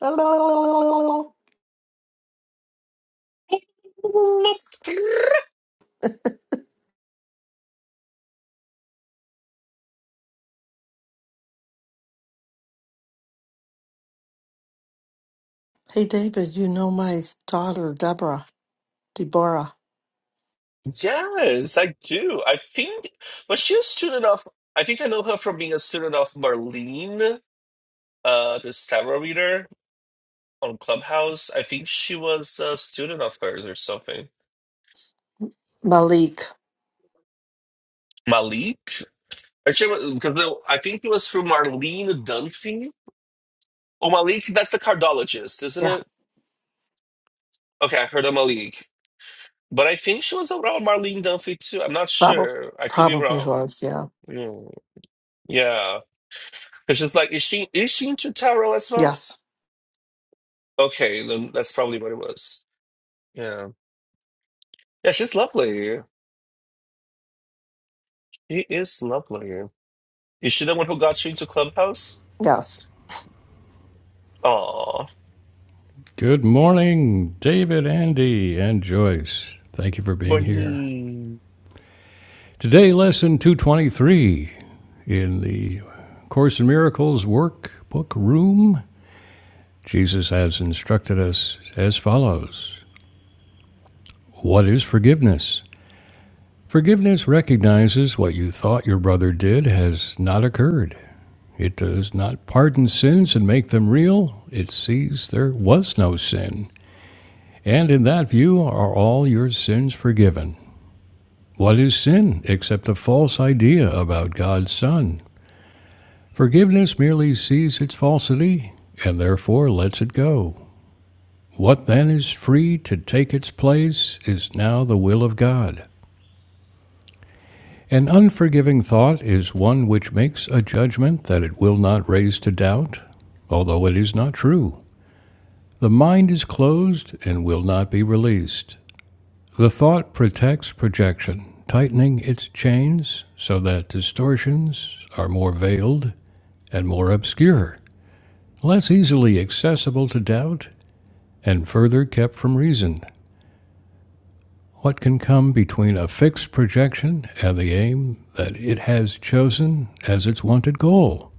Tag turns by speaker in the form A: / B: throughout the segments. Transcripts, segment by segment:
A: Hey, David, you know my daughter, Deborah, Deborah,
B: Yes, I do. I think, but she's a student of, I think I know her from being a student of Marlene, uh, this tarot reader on Clubhouse. I think she was a student of hers or something.
A: Malik.
B: Malik? Or she was, because the- I think it was through Marlene Dunphy. Oh, Malik, that's the cardologist, isn't
A: Yeah,
B: it? Okay, I heard of Malik. But I think she was around Marlene Dunphy too. I'm not
A: probably.
B: sure. I could be
A: Probably
B: wrong.
A: was, yeah.
B: Mm, Yeah. Because she's like, is she is she into tarot as well?
A: Yes,
B: Okay, then that's probably what it was. Yeah. Yeah, she's lovely. She is lovely. Is she the one who got you into Clubhouse?
A: yes.
B: Aw.
C: Good morning, David, Andy, and Joyce. Thank you for being here.
B: Morning.
C: Today, lesson 223 in the Course in Miracles workbook room. Jesus has instructed us as follows What is forgiveness? Forgiveness recognizes what you thought your brother did has not occurred. It does not pardon sins and make them real. It sees there was no sin. And in that view are all your sins forgiven. What is sin except a false idea about God's Son? Forgiveness merely sees its falsity and therefore lets it go. What then is free to take its place is now the will of God. An unforgiving thought is one which makes a judgment that it will not raise to doubt, although it is not true. The mind is closed and will not be released. The thought protects projection, tightening its chains so that distortions are more veiled and more obscure, less easily accessible to doubt, and further kept from reason. What can come between a fixed projection and the aim that it has chosen as its wanted goal?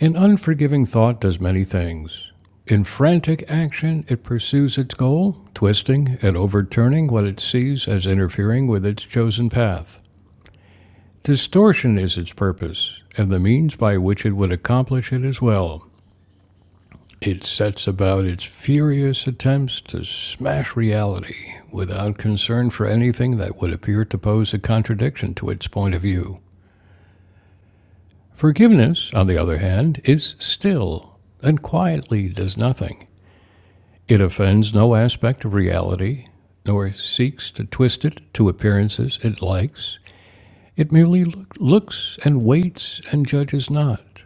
C: An unforgiving thought does many things. In frantic action, it pursues its goal, twisting and overturning what it sees as interfering with its chosen path. Distortion is its purpose, and the means by which it would accomplish it as well. It sets about its furious attempts to smash reality without concern for anything that would appear to pose a contradiction to its point of view. Forgiveness, on the other hand, is still and quietly does nothing. It offends no aspect of reality, nor seeks to twist it to appearances it likes. It merely looks and waits and judges not.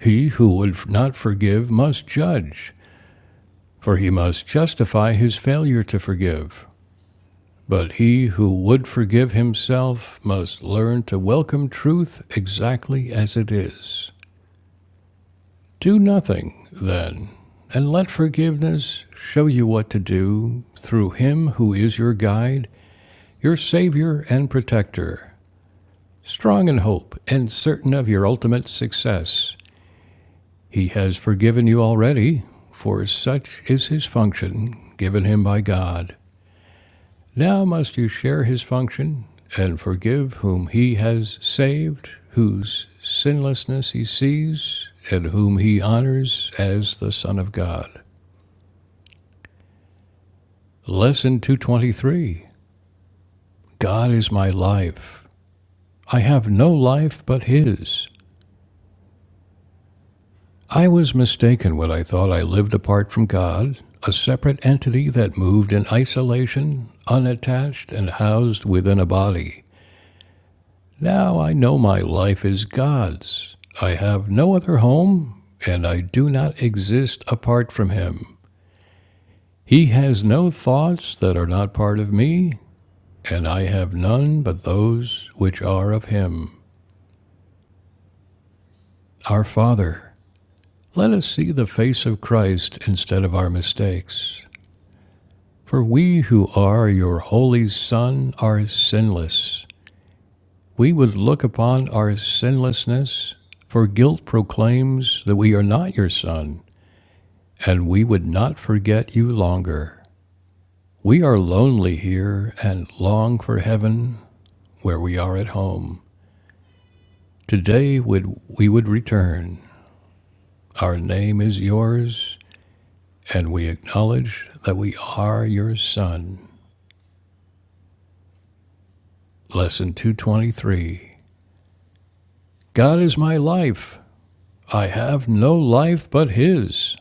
C: He who would not forgive must judge, for he must justify his failure to forgive. But he who would forgive himself must learn to welcome truth exactly as it is. Do nothing, then, and let forgiveness show you what to do through him who is your guide, your savior, and protector. Strong in hope and certain of your ultimate success, He has forgiven you already, for such is his function given him by God. Now must you share his function and forgive whom he has saved, whose sinlessness he sees, and whom he honors as the Son of God. Lesson 223 God is my life. I have no life but his. I was mistaken when I thought I lived apart from God, a separate entity that moved in isolation, unattached, and housed within a body. Now I know my life is God's. I have no other home, and I do not exist apart from Him. He has no thoughts that are not part of me, and I have none but those which are of Him, our Father. Let us see the face of Christ instead of our mistakes. For we who are your holy Son are sinless. We would look upon our sinlessness, for guilt proclaims that we are not your Son, and we would not forget you longer. We are lonely here and long for heaven where we are at home. Today would we would return. Our name is yours, and we acknowledge that we are your Son. Lesson 223. God is my life. I have no life but his.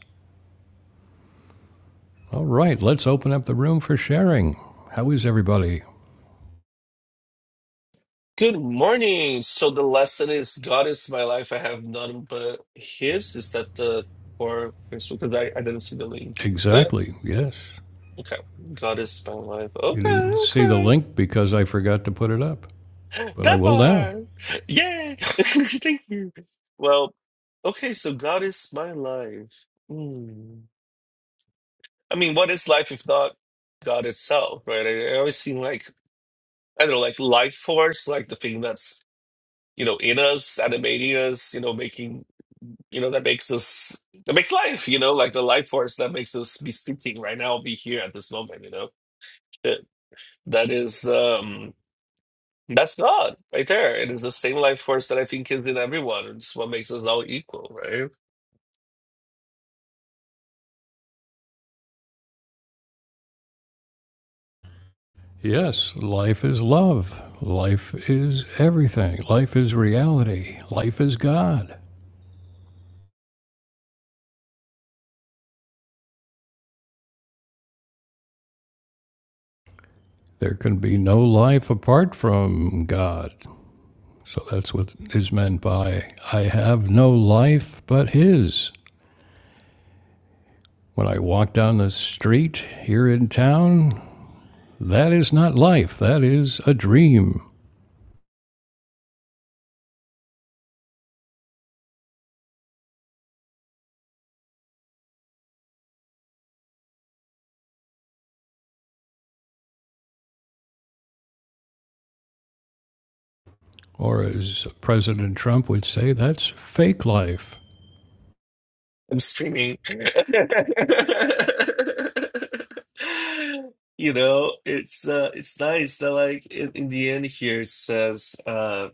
C: All right, let's open up the room for sharing. How is everybody?
B: Good morning. So the lesson is God is my life. I have none but his. Is that the or because I, I didn't see the link. Eh,
C: Exactly, yes.
B: Okay. God is my life.
C: You
B: Okay,
C: didn't see the
B: okay.
C: link because I forgot to put it up, but I
B: That
C: will now.
B: part. Yay. Thank you. Well, okay, so God is my life. Mm. I mean, what is life if not God itself, right? I, I always seem like, I don't know, like life force, like the thing that's, you know, in us, animating us, you know, making, you know, that makes us, that makes life, you know, like the life force that makes us be speaking right now, be here at this moment, you know? That that is, um, That's not right there. It is the same life force that I think is in everyone. It's what makes us all equal, right?
C: Yes, life is love. Life is everything. Life is reality. Life is God. There can be no life apart from God. So that's what is meant by I have no life but His. When I walk down the street here in town, That is not life. That is a dream. Or, as President Trump would say, that's fake life.
B: I'm streaming. You know, it's uh it's nice that like in, in the end here it says uh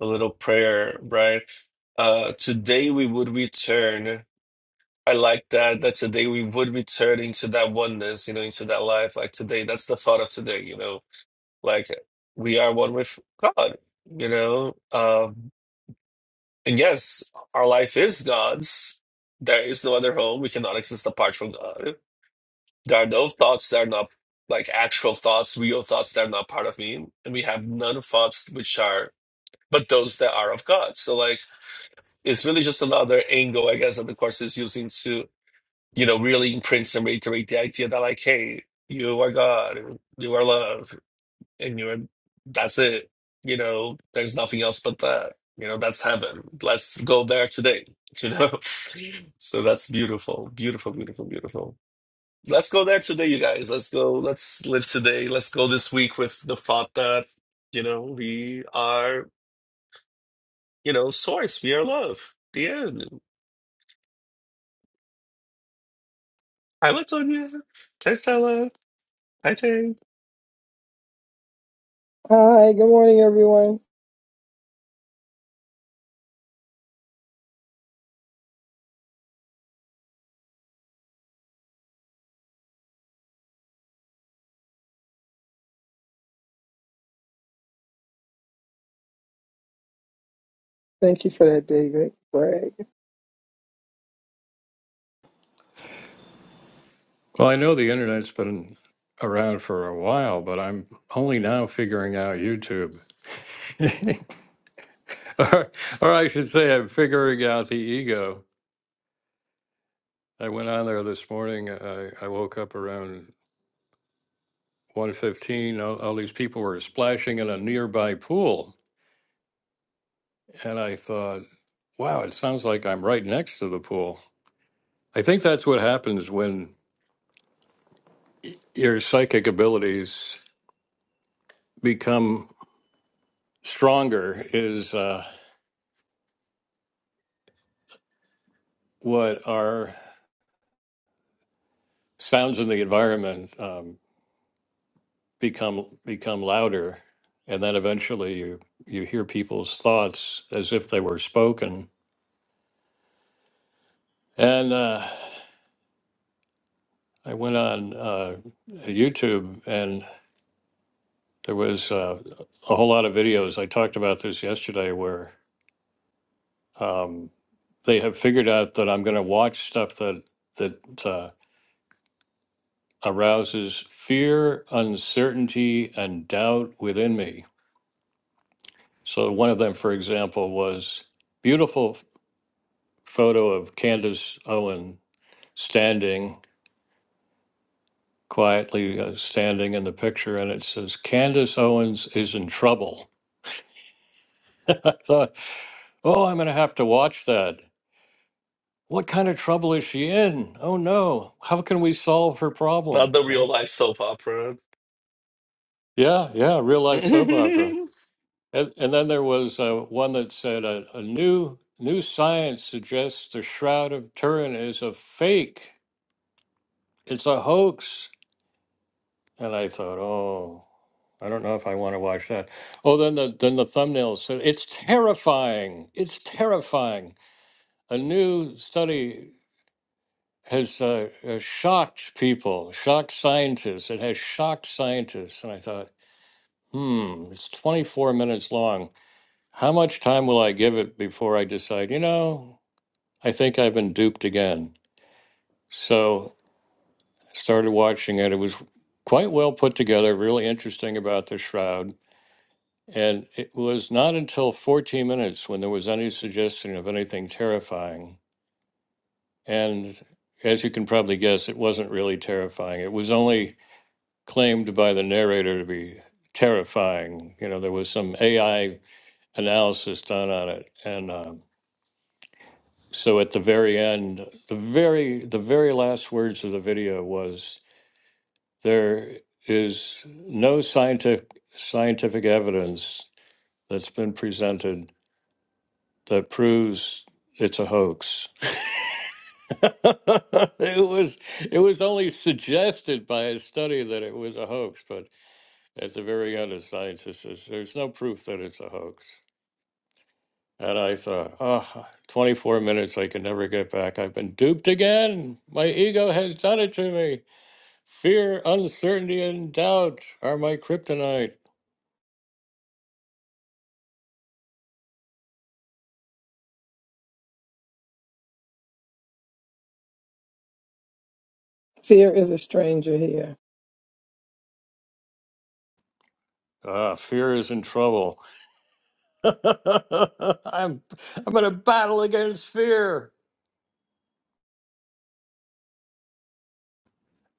B: a little prayer, right? Uh today we would return. I like that that today we would return into that oneness, you know, into that life. Like today, that's the thought of today, you know Like we are one with God, you know? Um, and yes, our life is God's. There is no other home. We cannot exist apart from God. There are no thoughts that are not like actual thoughts, real thoughts that are not part of me. And we have none thoughts which are but those that are of God. So like it's really just another angle, I guess, that the course is using to, you know, really imprint and reiterate the idea that like, hey, you are God, you are love and you're that's it you know there's nothing else but that you know that's heaven let's go there today you know so that's beautiful beautiful beautiful beautiful let's go there today you guys let's go let's live today let's go this week with the thought that you know we are you know source we are love the end hi latonia hi stella hi Jane.
D: Hi, good morning, everyone. Thank you for that, David. Greg.
C: Well, I know the internet's been around for a while, but I'm only now figuring out YouTube. or, or I should say, I'm figuring out the ego. I went on there this morning. I, I woke up around 1.15. All, all these people were splashing in a nearby pool. And I thought, wow, it sounds like I'm right next to the pool. I think that's what happens when your psychic abilities become stronger is uh, what our sounds in the environment um, become become louder, and then eventually you you hear people's thoughts as if they were spoken. And uh, I went on uh, YouTube, and there was uh, a whole lot of videos. I talked about this yesterday, where um, they have figured out that I'm going to watch stuff that that. Uh, arouses fear, uncertainty, and doubt within me. So, one of them, for example, was beautiful f- photo of Candace Owen standing quietly uh, standing in the picture, and it says Candace Owens is in trouble. I thought, oh, I'm going to have to watch that. What kind of trouble is she in? Oh no! How can we solve her
B: not
C: problem?
B: the real
C: Right?
B: life soap opera
C: Yeah, yeah. Real life soap opera. And, and then there was uh, one that said a, a new new science suggests the Shroud of Turin is a fake. It's a hoax. And I thought, oh, I don't know if I want to watch that. Oh, then the then the thumbnail said it's terrifying. It's terrifying. A new study has uh, uh, shocked people, shocked scientists. It has shocked scientists. And I thought, hmm, it's 24 minutes long. How much time will I give it before I decide? You know, I think I've been duped again. So I started watching it. It was quite well put together, really interesting about the shroud. And it was not until 14 minutes when there was any suggestion of anything terrifying. And as you can probably guess, it wasn't really terrifying. It was only claimed by the narrator to be terrifying. You know, there was some AI analysis done on it. And um so at the very end, the very the very last words of the video was There is no scientific scientific evidence that's been presented that proves it's a hoax. it was it was only suggested by a study that it was a hoax, but at the very end a scientist says there's no proof that it's a hoax. And I thought, oh, 24 minutes I can never get back. I've been duped again. My ego has done it to me. Fear, uncertainty, and doubt are my kryptonite.
D: Fear is a stranger here.
C: Ah, fear is in trouble. I'm I'm in a battle against fear.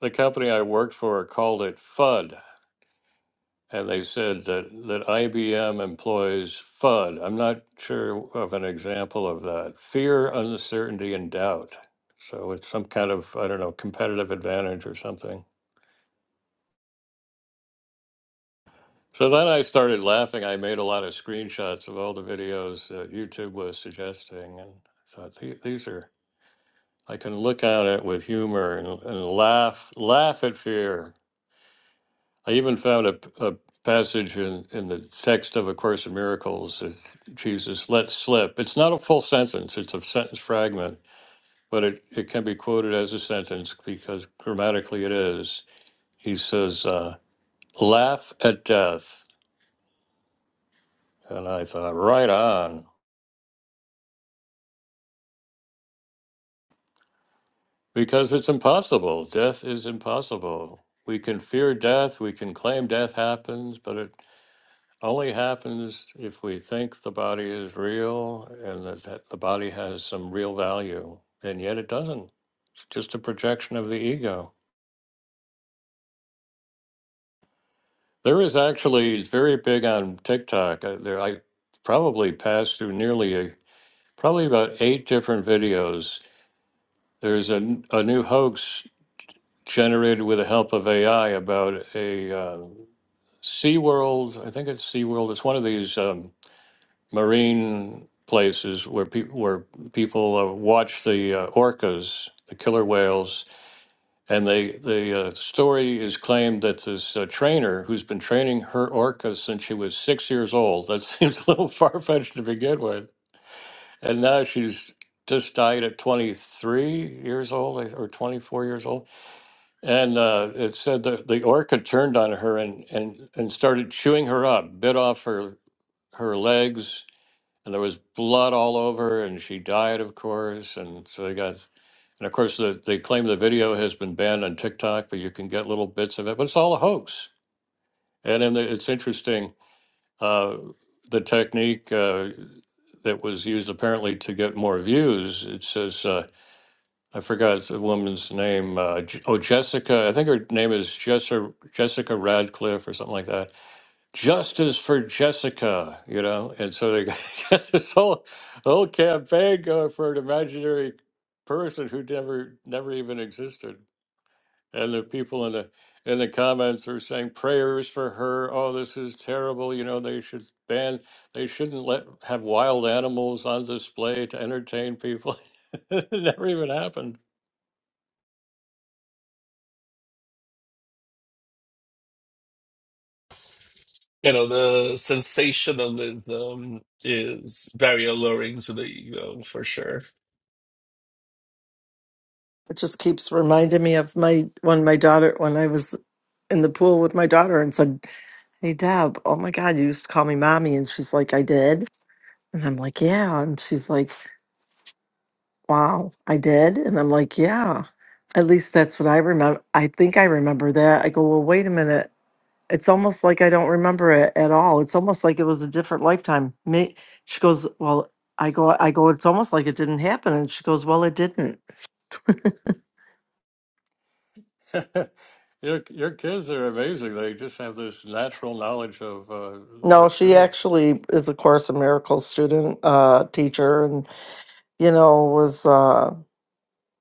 C: The company I worked for called it FUD, and they said that that IBM employs FUD. I'm not sure of an example of that. Fear, uncertainty, and doubt. So it's some kind of I don't know competitive advantage or something. So then I started laughing. I made a lot of screenshots of all the videos that YouTube was suggesting, and thought "The- these are I can look at it with humor and, and laugh laugh at fear. I even found a a passage in, in the text of A Course in Miracles that Jesus let slip. It's not a full sentence, it's a sentence fragment, but it, it can be quoted as a sentence because grammatically it is. He says, uh, laugh at death. And I thought, right on, because it's impossible. Death is impossible. We can fear death, we can claim death happens, but it only happens if we think the body is real and that, that the body has some real value, and yet it doesn't. It's just a projection of the ego. There is actually it's very big on TikTok. uh, There, I probably passed through nearly a, probably about eight different videos. There's a, n- a new hoax generated with the help of AI about a uh, SeaWorld. I think it's SeaWorld. It's one of these. um, marine places where people where people uh, watch the uh, orcas, the killer whales, and they the uh, story is claimed that this uh, trainer who's been training her orcas since she was six years old. That seems a little far fetched to begin with, and now she's just died at 23 years old I- or 24 years old and uh, it said that the orca turned on her and, and, and started chewing her up bit off her her legs and there was blood all over and she died of course and so they got and of course the, they claim the video has been banned on tiktok but you can get little bits of it but it's all a hoax and then the, it's interesting uh, the technique uh, that was used apparently to get more views it says uh, i forgot the woman's name uh, J- oh jessica i think her name is jessica, jessica radcliffe or something like that justice for Jessica, you know, and so they got this whole whole campaign going for an imaginary person who never never even existed. And the people in the in the comments are saying prayers for her. Oh, this is terrible. You know, they should ban. They shouldn't let have wild animals on display to entertain people. it never even happened.
B: you know the sensationalism is very alluring to the ego for sure
A: It just keeps reminding me of my when my daughter, when I was in the pool with my daughter and said, Hey, Deb, oh my God, you used to call me mommy. And she's like, I did. And I'm like, Yeah. And she's like, Wow, I did. And I'm like, Yeah. At least that's what I remember. I think I remember that. I go, Well, wait a minute. it's almost like I don't remember it at all. It's almost like it was a different lifetime. Me, she goes, well, I go, I go. It's almost like it didn't happen, and she goes, well, it didn't.
C: your your kids are amazing. They just have this natural knowledge of uh, the
A: No, she
C: truth.
A: actually is a Course in Miracles student, uh, teacher, and you know was, uh,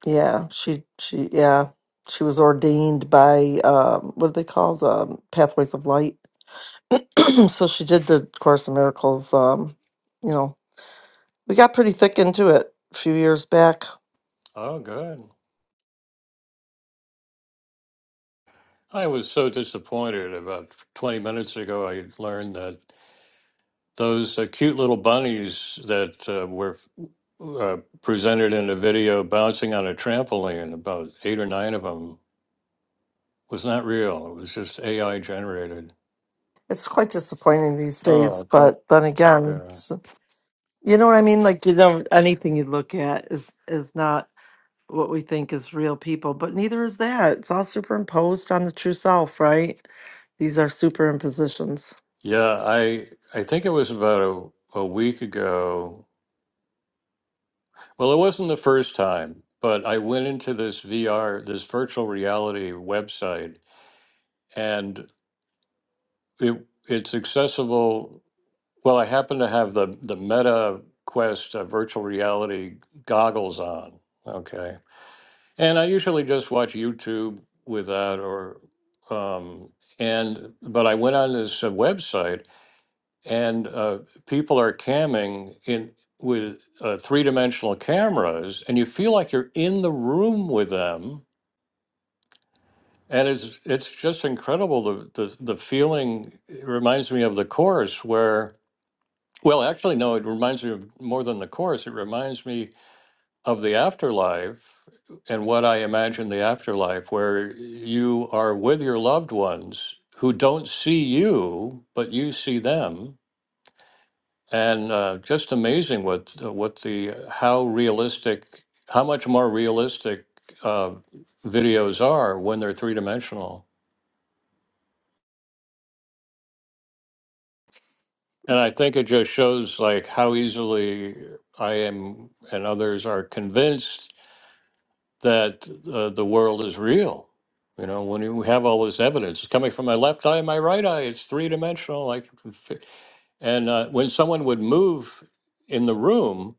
A: yeah, she, she, yeah, she was ordained by uh, what are they called, um, Pathways of Light. so she did the Course in Miracles. Um, you know, we got pretty thick into it a few years back
C: Oh, good. I was so disappointed. About 20 minutes ago, I learned that those uh, cute little bunnies that uh, were uh, presented in a video bouncing on a trampoline, about eight or nine of them, was not real. It was just AI generated.
A: It's quite disappointing these
C: Oh,
A: days,
C: I pro-
A: but then again,
C: yeah.
A: it's, you know what I mean? Like, you know, anything you look at is is not what we think is real people, but neither is that. It's all superimposed on the true self, right? These are superimpositions.
C: Yeah, I, I think it was about a, a week ago. Well, it wasn't the first time, but I went into this VR, this virtual reality website, and it it's accessible Well, I happen to have the the Meta Quest uh, virtual reality goggles on. Okay, and I usually just watch YouTube with that, or um, and but I went on this uh, website, and uh, people are camming in with uh, three dimensional cameras, and you feel like you're in the room with them. And it's it's just incredible the, the the feeling. It reminds me of the course where Well, actually, no, it reminds me of more than the course. It reminds me of the afterlife and what I imagine the afterlife, where you are with your loved ones who don't see you, but you see them. And uh, just amazing what what the how realistic, how much more realistic uh, videos are when they're three dimensional. And I think it just shows like how easily I am and others are convinced that uh, the world is real. You know, when you have all this evidence it's coming from my left eye and my right eye, it's three dimensional. I can fi- and uh, when someone would move in the room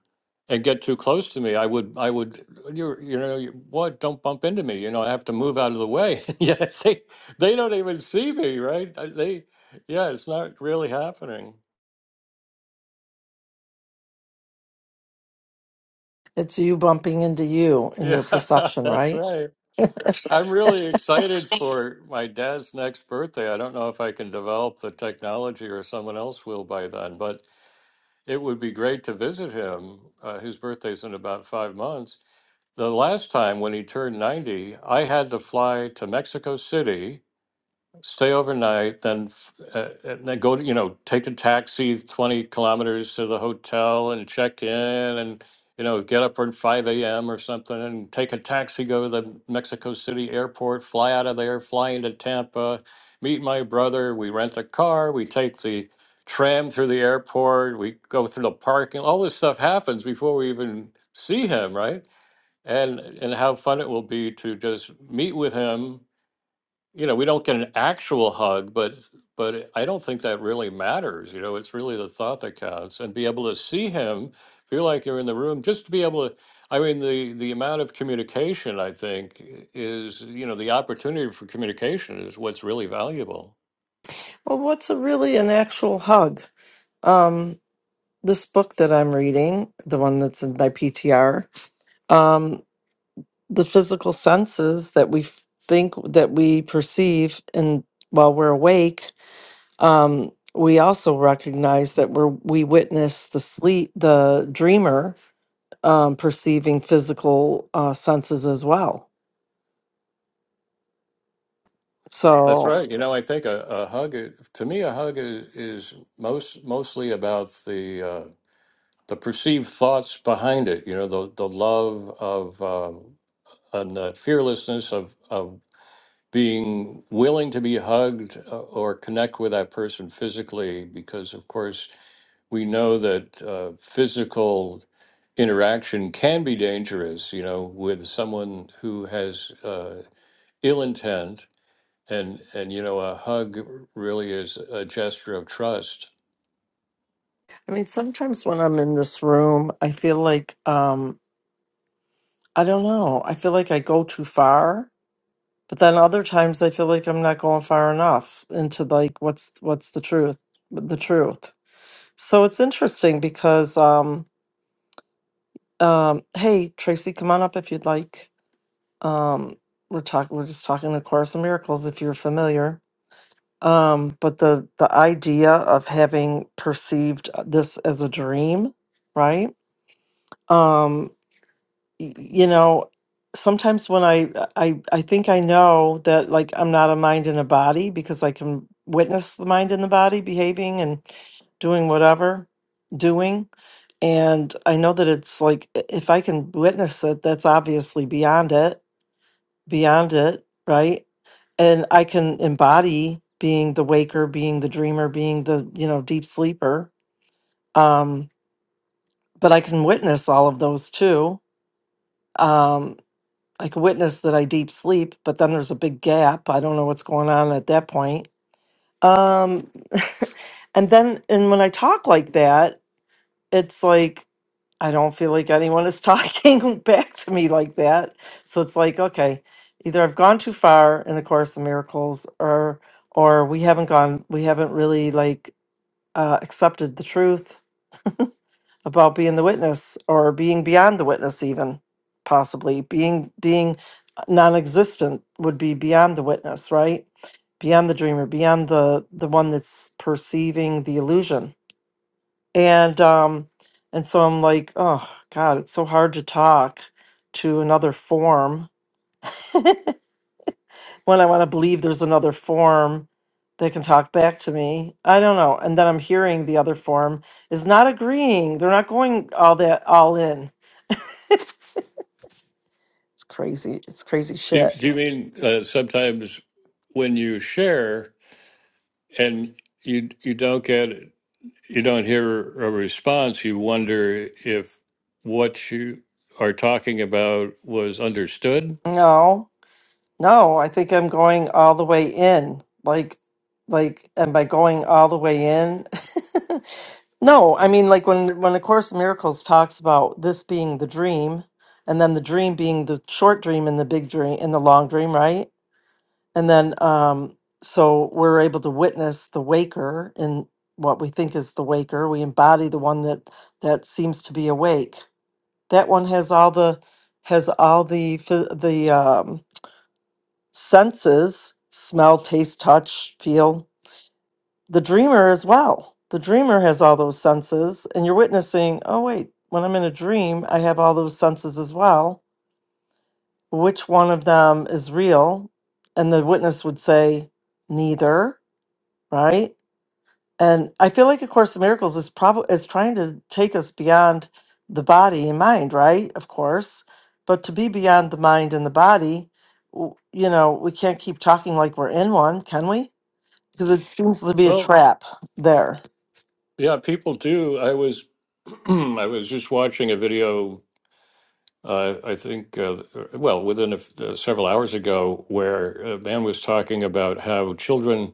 C: and get too close to me, I would, I would, you, you know, you, what? Don't bump into me. You know, I have to move out of the way. yeah, they, they don't even see me, right? Uh, They, yeah, it's not really happening.
A: It's you bumping into you in
C: Yeah,
A: your perception,
C: that's
A: right?
C: right. I'm really excited for my dad's next birthday. I don't know if I can develop the technology or someone else will by then, but it would be great to visit him. Uh, his birthday's in about five months. The last time when he turned 90, I had to fly to Mexico City stay overnight, then uh, and then go to you know take a taxi twenty kilometers to the hotel and check in, and you know get up at five a.m. or something, and take a taxi go to the Mexico City airport, fly out of there, fly into Tampa, meet my brother. We rent a car, we take the tram through the airport, we go through the parking. All this stuff happens before we even see him, right? And and how fun it will be to just meet with him you know, we don't get an actual hug, but but I don't think that really matters. You know, it's really the thought that counts, and be able to see him, feel like you're in the room, just to be able to. I mean, the the amount of communication I think is, you know, the opportunity for communication is what's really valuable.
A: Well, what's a really an actual hug? Um, this book that I'm reading, the one that's in my PTR, the physical senses that we f- think that we perceive and while we're awake um, we also recognize that we're we witness the sleep the dreamer um, perceiving physical uh, senses as well
C: That's
A: so
C: right. You know, I think a, a hug i- to me, a hug is, is most mostly about the uh, the perceived thoughts behind it. You know, the the love of um, and the fearlessness of of being willing to be hugged uh, or connect with that person physically, because of course we know that uh, physical interaction can be dangerous. You know, with someone who has uh, ill intent, and and you know, a hug really is a gesture of trust.
A: i mean sometimes when i'm in this room i feel like um, i don't know i feel like i go too far but then other times i feel like i'm not going far enough into like what's what's the truth the truth So it's interesting because um um hey Tracy, come on up if you'd like. Um we're talking we're just talking A Course in Miracles if you're familiar. Um but the the idea of having perceived uh, this as a dream, right? Um, y- you know sometimes when i i i think i know that like i'm not a mind and a body because i can witness the mind and the body behaving and doing whatever doing and i know that it's like i- if i can witness it that's obviously beyond it beyond it right and i can embody being the waker being the dreamer being the you know deep sleeper um but i can witness all of those too Um. I could witness that I deep sleep, but then there's a big gap. I don't know what's going on at that point. Um, and then, and when I talk like that, it's like I don't feel like anyone is talking back to me like that. So it's like, okay, either I've gone too far in the course of miracles, or or we haven't gone, we haven't really like uh, accepted the truth about being the witness or being beyond the witness even possibly being being non-existent would be beyond the witness right beyond the dreamer beyond the the one that's perceiving the illusion and um and so i'm like oh god it's so hard to talk to another form when i want to believe there's another form that can talk back to me i don't know and then i'm hearing the other form is not agreeing they're not going all that all in crazy it's crazy
C: Do,
A: shit
C: do you mean uh, sometimes when you share and you you don't get you don't hear a response, you wonder if what you are talking about was understood.
A: no no i think i'm going all the way in like like and by going all the way in no i mean like when when a course in miracles talks about this being the dream and then the dream being the short dream and the big dream and the long dream right and then um so we're able to witness the waker in what we think is the waker we embody the one that that seems to be awake That one has all the has all the phy- the um, senses: smell, taste, touch, feel. The dreamer as well. The dreamer has all those senses, and you're witnessing. Oh wait, when I'm in a dream, I have all those senses as well. Which one of them is real? And the witness would say, neither. Right? And I feel like A Course in Miracles is probably is trying to take us beyond the body and mind, right? Of course, but to be beyond the mind and the body, w- you know, we can't keep talking like we're in one, can we? Because it seems to be a
C: Well,
A: trap there.
C: yeah, people do. I was I was just watching a video. Uh, I think, uh, well, within a, f- uh, several hours ago, where a man was talking about how children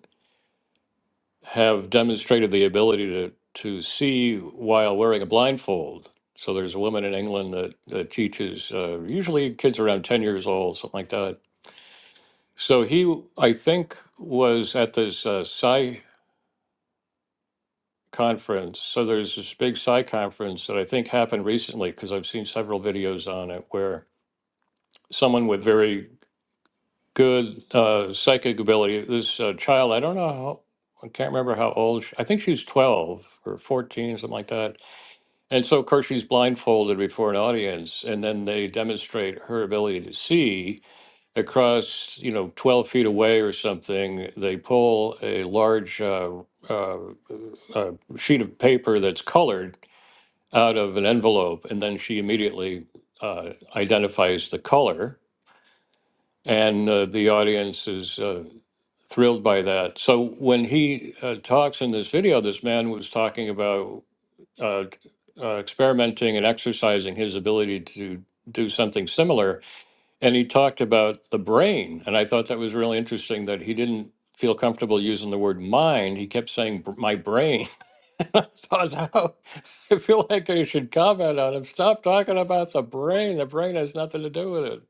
C: have demonstrated the ability to to see while wearing a blindfold. So there's a woman in England that, that teaches uh, usually kids around ten years old, something like that So he, I think, was at this uh, Psi conference. So there's this big Psi conference that I think happened recently because I've seen several videos on it where someone with very good uh, psychic ability, this uh, child, I don't know how. I can't remember how old. She, I think she's 12 or 14, something like that. And so, of course, she's blindfolded before an audience, and then they demonstrate her ability to see. across, you know, 12 feet away or something, they pull a large uh, uh, uh, sheet of paper that's colored out of an envelope, and then she immediately uh, identifies the color, and uh, the audience is uh, thrilled by that. So when he uh, talks in this video, this man was talking about uh, uh, experimenting and exercising his ability to do something similar and he talked about the brain. And I thought that was really interesting that he didn't feel comfortable using the word mind. He kept saying, "Br- my brain. And I thought, how? I feel like I should comment on him. Stop talking about the brain. The brain has nothing to do with it.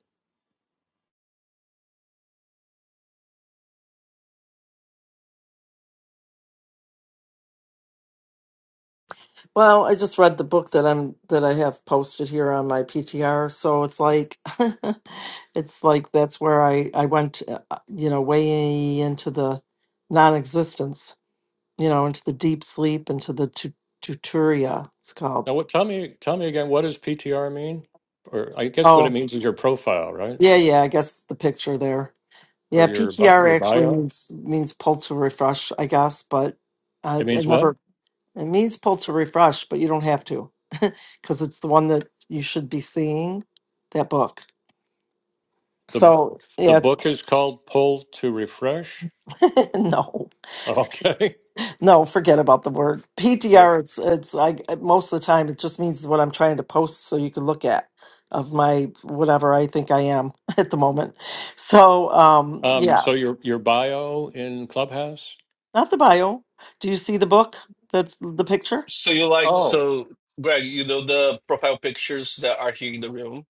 A: Well, I just read the book that I'm that I have posted here on my PTR, so it's like it's like that's where I I went, uh, you know, way into the non-existence you know, into the deep sleep, into the tu- tuturia, it's called.
C: Now, what, tell me, tell me again, what does PTR mean? Or I guess what it
A: Oh,
C: means is your profile, right?
A: yeah, yeah, I guess the picture there.
C: Or
A: Yeah,
C: your bi-
A: PTR
C: your
A: actually
C: bio.
A: means means pull to refresh, I guess, but uh,
C: It
A: it
C: means what?
A: never it means pull to refresh, but you don't have to because it's the one that you should be seeing that book.
C: The
A: So
C: the
A: yeah, it's
C: book is called Pull to Refresh.
A: no.
C: Okay.
A: No, forget about the word PTR. It's it's I most of the time it just means what I'm trying to post so you can look at of my whatever I think I am at the moment. So um
C: Um,
A: yeah,
C: so your your bio in Clubhouse?
A: not the bio. Do you see the book? That's the picture.
B: so you like
C: Oh,
B: so greg you know the profile pictures that are here in the room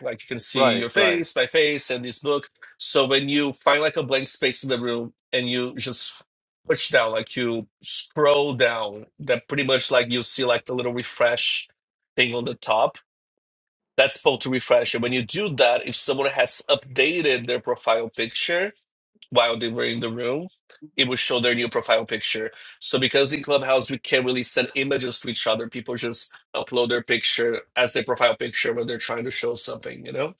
B: like you can see
C: right,
B: your
C: right.
B: face my face and this book so when you find like a blank space in the room and you just push down like you scroll down that pretty much like you see like the little refresh thing on the top that's supposed to refresh and when you do that if someone has updated their profile picture while they were in the room, it would show their new profile picture. So because in Clubhouse we can't really send images to each other, people just upload their picture as their profile picture when they're trying to show something, you know?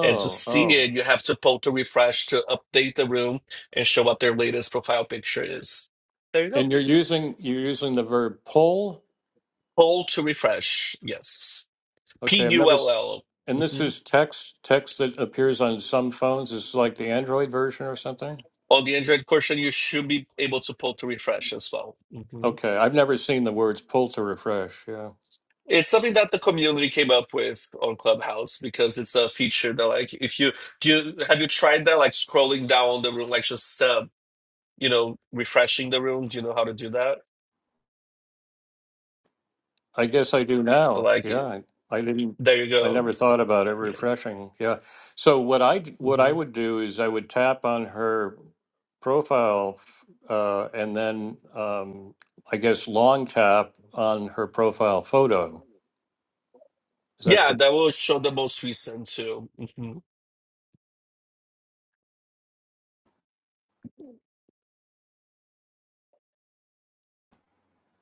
B: And to see
C: oh.
B: it, you have to pull to refresh to update the room and show what their latest profile picture is. There you go.
C: And you're using you're using the verb pull.
B: Pull to refresh. Yes. P
C: Okay, I've
B: U
C: never.
B: L
C: s-
B: L.
C: And this
B: Mm-hmm.
C: is text text that appears on some phones. This is like the Android version or something.
B: On the Android version, you should be able to pull to refresh as well.
C: Okay, I've never seen the words pull to refresh. Yeah.
B: It's something that the community came up with on Clubhouse because it's a feature that, like, if you do, you have you tried that, like, scrolling down the room, like, just uh, you know, refreshing the room. Do you know how to do that?
C: I guess I do
B: So,
C: now.
B: like,
C: Yeah, I, I didn't.
B: there you
C: I
B: go.
C: never thought about it.
B: Yeah,
C: Refreshing. Yeah. So what I d- what I
B: hmm
C: would do is I would tap on her profile, f- uh, and then um, I guess long tap on her profile photo. Is that
B: yeah,
C: the?
B: that will show the most recent too. hmm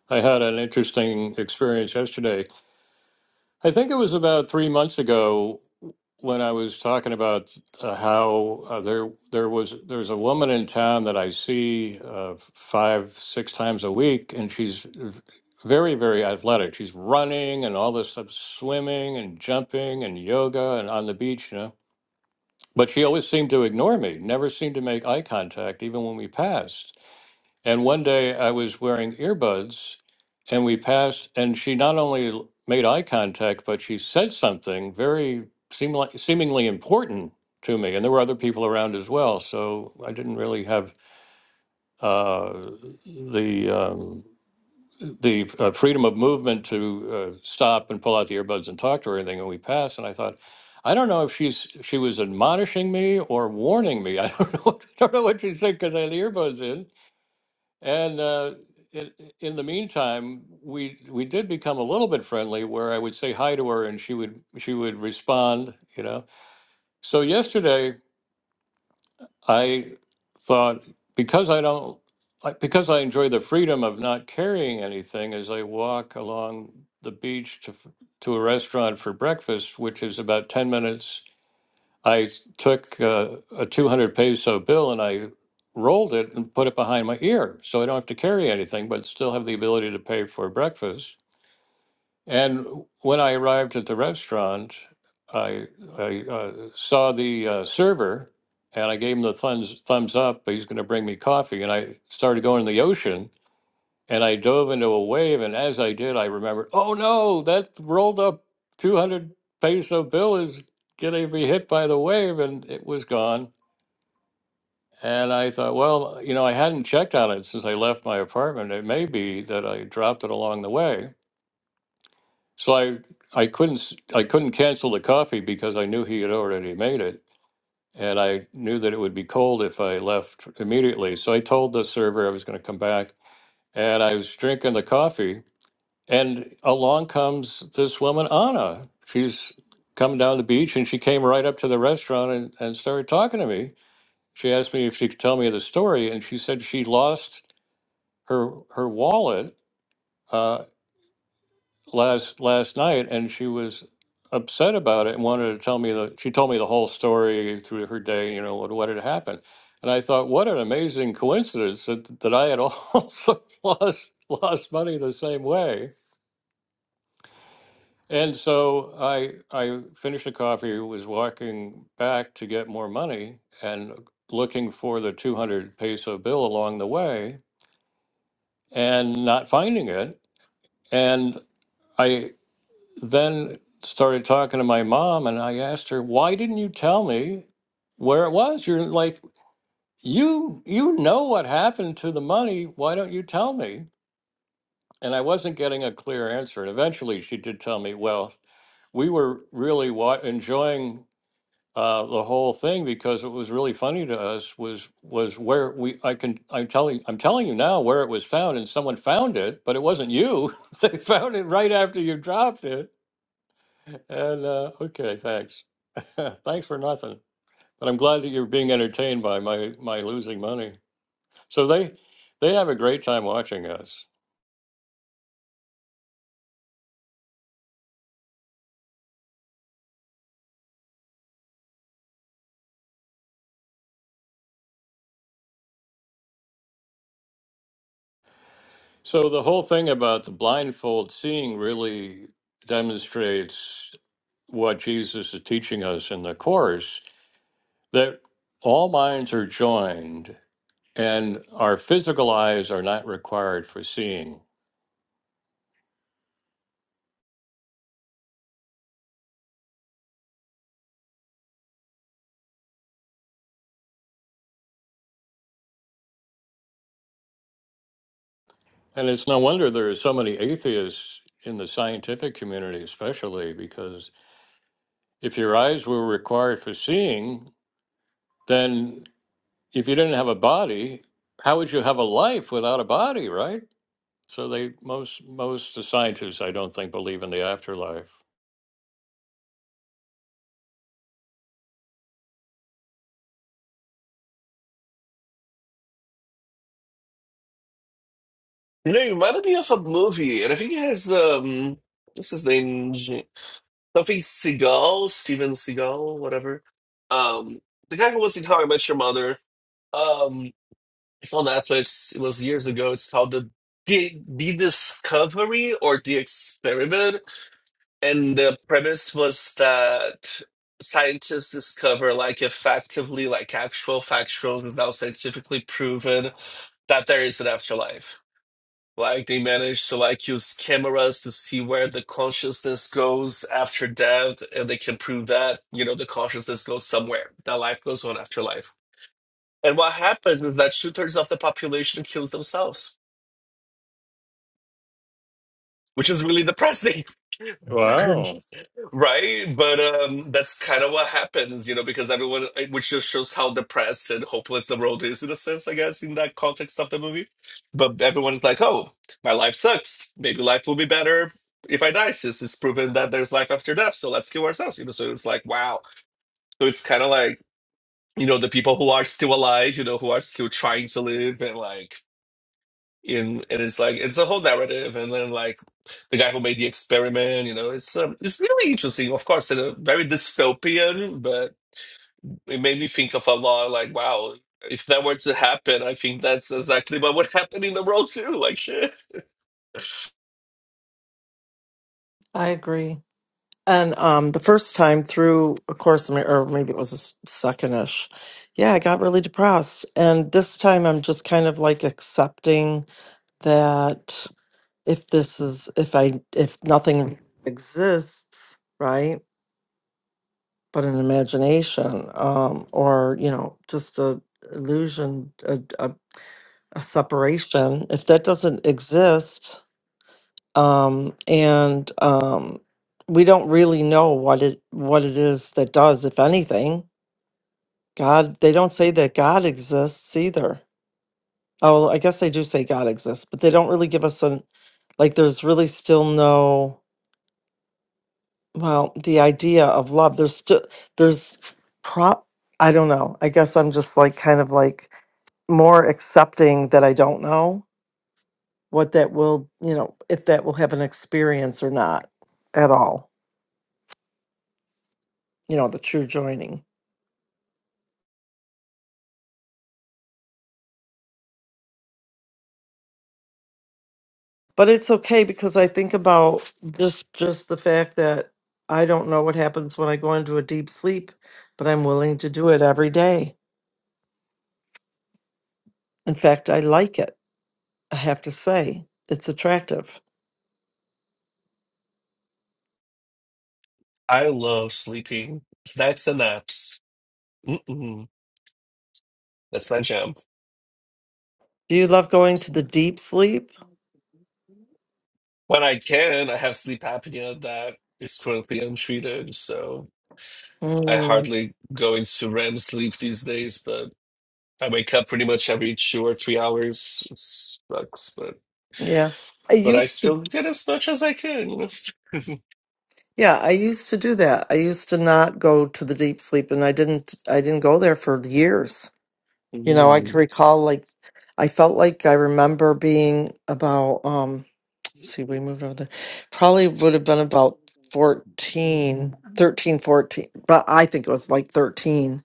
C: I had an interesting experience yesterday I think it was about three months ago when I was talking about uh, how uh, there there was there's a woman in town that I see uh, five six times a week, and she's v- very very athletic. She's running and all this stuff, swimming and jumping and yoga and on the beach, you know. But she always seemed to ignore me, never seemed to make eye contact, even when we passed. And one day I was wearing earbuds and we passed, and she not only l- made eye contact, but she said something very seem like, seemingly important to me. And there were other people around as well. So I didn't really have uh, the. Um, the uh, freedom of movement to uh, stop and pull out the earbuds and talk to her or anything, and we passed. And I thought, I don't know if she's she was admonishing me or warning me. I don't know. I don't know what she said because I had the earbuds in and uh, in, in the meantime, we we did become a little bit friendly, where I would say hi to her, and she would she would respond, you know. So yesterday, I thought because I don't I- because I enjoy the freedom of not carrying anything as I walk along the beach to f- to a restaurant for breakfast, which is about ten minutes I took uh, a 200 peso bill and I rolled it and put it behind my ear so I don't have to carry anything but still have the ability to pay for breakfast. And when I arrived at the restaurant, I, I uh, saw the uh, server and I gave him the thumbs, thumbs up, he's going to bring me coffee. And I started going in the ocean and I dove into a wave. And as I did, I remembered, oh no, that rolled up 200 peso bill is going to be hit by the wave. And it was gone. And I thought, well, you know, I hadn't checked on it since I left my apartment. It may be that I dropped it along the way. So I, I couldn't s- I couldn't cancel the coffee because I knew he had already made it and I knew that it would be cold if I left immediately. So I told the server I was going to come back and I was drinking the coffee And along comes this woman, Anna. She's come down the beach and she came right up to the restaurant and, and started talking to me. She asked me if she could tell me the story, and she said she lost her her wallet uh, last last night, and she was upset about it and wanted to tell me the. She told me the whole story through her day, you know, what what had happened. And I thought, what an amazing coincidence that, that I had also lost lost money the same way And so I I finished the coffee, was walking back to get more money and looking for the 200 peso bill along the way and not finding it. And I then started talking to my mom and I asked her, "Why didn't you tell me where it was? You're like you you know what happened to the money. Why don't you tell me?" And I wasn't getting a clear answer. And eventually she did tell me, "Well, we were really wa- enjoying uh, the whole thing because it was really funny to us was was where we I can I'm telling I'm telling you now where it was found and someone found it but it wasn't you they found it right after you dropped it and uh, okay thanks thanks for nothing but I'm glad that you're being entertained by my my losing money so they they have a great time watching us so the whole thing about the blindfold seeing really demonstrates what Jesus is teaching us in the course that all minds are joined and our physical eyes are not required for seeing. And it's no wonder there are so many atheists in the scientific community, especially because if your eyes were required for seeing, then if you didn't have a body, how would you have a life without a body, right? So they most most scientists I don't think believe in the afterlife.
B: You know, it reminded me of a movie, and I think it has um, what's his name, J- something Seagal, Steven Seagal, whatever. Um, the guy who was in How I Met Your Mother. um. It's on Netflix. It was years ago. It's called the the, the Discovery or the Experiment, and the premise was that scientists discover like effectively like actual factual and now scientifically proven that there is an afterlife. Like they manage to like use cameras to see where the consciousness goes after death, and they can prove that you know the consciousness goes somewhere. That life goes on after life. And what happens is that two thirds of the population kills themselves which is really depressing
C: Wow.
B: right but um that's kind of what happens you know because everyone which just shows how depressed and hopeless the world is in a sense i guess in that context of the movie but everyone's like oh my life sucks maybe life will be better if i die since it's proven that there's life after death so let's kill ourselves you know so it's like wow so it's kind of like you know the people who are still alive you know who are still trying to live and like and and it's like it's a whole narrative and then like the guy who made the experiment you know it's um, it's really interesting of course it's a very dystopian but it made me think of a lot like wow if that were to happen i think that's exactly what would happen in the world too like shit
A: I agree. And um the first time through a course of Ma- or maybe it was s- secondish. Yeah, I got really depressed. And this time I'm just kind of like accepting that if this is if i if nothing exists right but an imagination um or you know just a illusion a, a, a separation if that doesn't exist um and um we don't really know what it what it is that does if anything god they don't say that god exists either oh i guess they do say god exists but they don't really give us an like there's really still no Well, the idea of love, there's still, there's prop, I don't know. I guess I'm just like kind of like more accepting that I don't know what that will, you know, if that will have an experience or not at all, you know, the true joining. But it's okay because I think about just just the fact that I don't know what happens when I go into a deep sleep, but I'm willing to do it every day. In fact, I like it. I have to say, it's attractive.
B: i love sleeping snacks and naps Mm-mm. that's my jam
A: Do you love going to the deep sleep?
B: when i can i have sleep apnea that is currently untreated so i
A: Mm,
B: hardly go into rem sleep these days but I wake up pretty much every two or three hours. It sucks, but
A: yeah. I
B: but I
A: used to
B: still did as much as I could. You know,
A: yeah, I used to do that. I used to not go to the deep sleep and I didn't I didn't go there for years. You know, I can
B: Mm.
A: recall like I felt like I remember being about um see we moved over there. Probably would have been about 14, 13, 14, but I think it was like 13,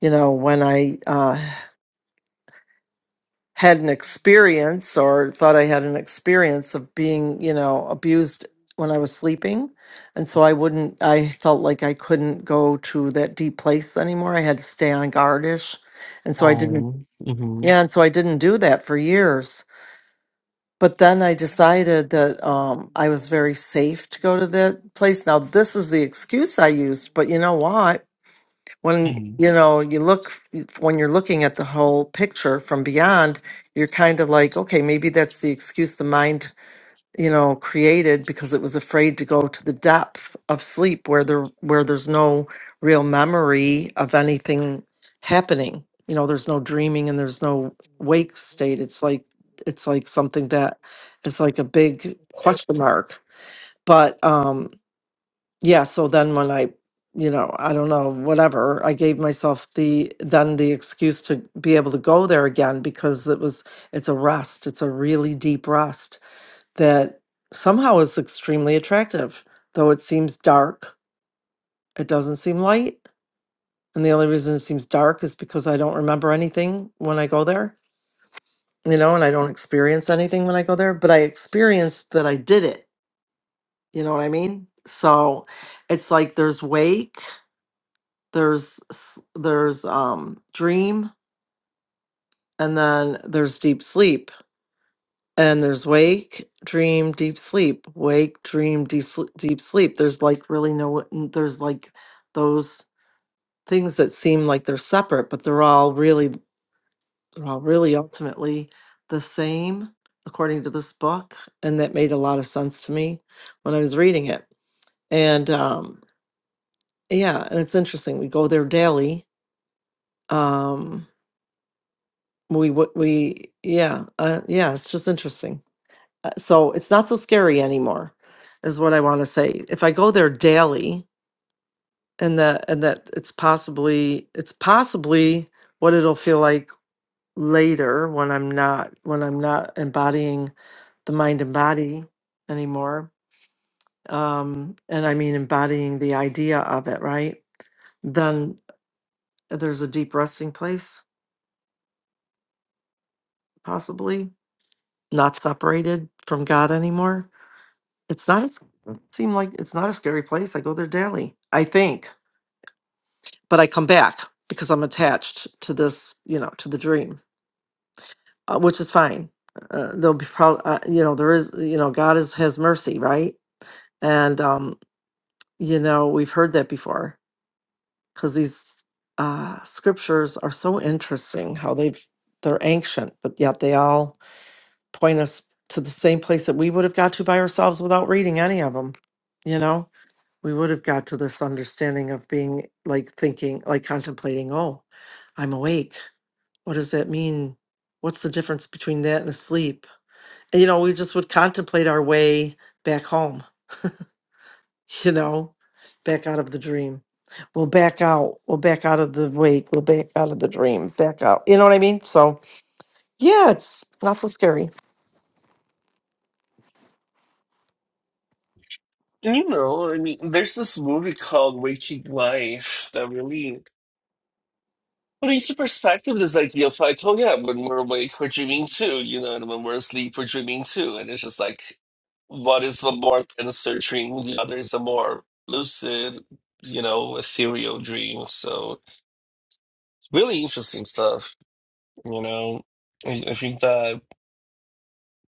A: you know, when I uh had an experience or thought I had an experience of being, you know, abused when I was sleeping. And so I wouldn't, I felt like I couldn't go to that deep place anymore. I had to stay on guardish. And so I didn't,
B: Um, mhm.
A: yeah. And so I didn't do that for years. But then I decided that um, I was very safe to go to that place. Now, this is the excuse I used, but you know what? when
B: Mm.
A: you know you look when you're looking at the whole picture from beyond you're kind of like okay maybe that's the excuse the mind you know created because it was afraid to go to the depth of sleep where there where there's no real memory of anything happening you know there's no dreaming and there's no wake state it's like it's like something that it's like a big question mark but um yeah, so then when I, you know, I don't know, whatever, I gave myself the then the excuse to be able to go there again because it was it's a rest. It's a really deep rest that somehow is extremely attractive. Though it seems dark, it doesn't seem light. And the only reason it seems dark is because I don't remember anything when I go there, you know, and I don't experience anything when I go there, but I experienced that I did it. You know what I mean? So it's like there's wake there's s- there's um dream and then there's deep sleep and there's wake dream deep sleep wake dream deep sleep, deep sleep there's like really no n- there's like those things that seem like they're separate but they're all really they're all really ultimately the same according to this book and that made a lot of sense to me when i was reading it and um yeah and it's interesting we go there daily um we would we yeah uh, yeah it's just interesting Uh, so it's not so scary anymore is what i want to say if i go there daily and that and that it's possibly it's possibly what it'll feel like later when i'm not when i'm not embodying the mind and body anymore um and i mean embodying the idea of it right then there's a deep resting place possibly not separated from god anymore It's not a s- seem like it's not a scary place. I go there daily, I think, but I come back because I'm attached to this, you know, to the dream, uh, which is fine. Uh, there'll be probably, uh, you know, there is, you know, God is has mercy, right? And um, you know, we've heard that before because these uh, scriptures are so interesting how they've they're ancient, but yet they all point us to the same place that we would have got to by ourselves without reading any of them, you know we would have got to this understanding of being like thinking, like contemplating, oh, I'm awake. What does that mean? What's the difference between that and asleep? And, you know, we just would contemplate our way back home, you know, back out of the dream. We'll back out. We'll back out of the wake. We'll back out of the dream. Back out. You know what I mean? So, yeah, it's not so scary.
B: You know, I mean, there's this movie called Waking Life that really put into perspective this idea of like, oh yeah, when we're awake, we're dreaming too. You know, and when we're asleep, we're dreaming too. And it's just like, what is the more denser dream? The other is a more lucid, you know, ethereal dream. So. really interesting stuff. You know, I, I think that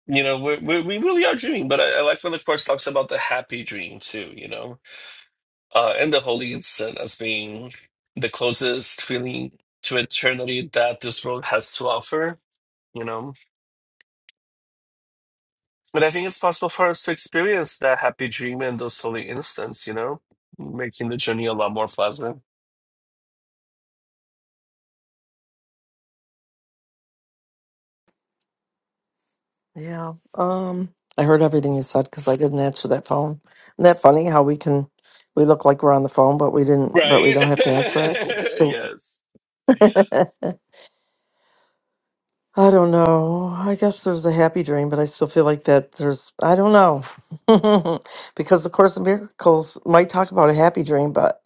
B: you know we we we really are dreaming, but I, I like when the course talks about the happy dream too. You know, uh, and the holy instant as being the closest feeling to eternity that this world has to offer. You know, but I think it's possible for us to experience that happy dream and those holy instants. You know, making the journey a lot more pleasant.
A: Yeah. Um, I heard everything you said because I didn't answer that phone. Isn't that funny how we can we look like we're on the phone, but we didn't, but we
B: Right?
A: don't have to answer it. It's still-
B: yes.
A: I don't know. I guess there's a happy dream, but I still feel like that there's I don't know because the Course in Miracles might talk about a happy dream, but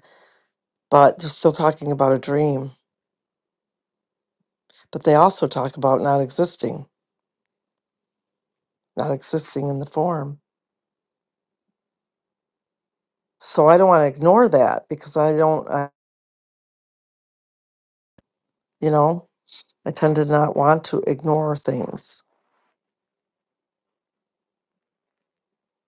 A: but they're still talking about a dream. But they also talk about not existing, not existing in the form. So I don't want to ignore that because I don't, I, you know. I tend to not want to ignore things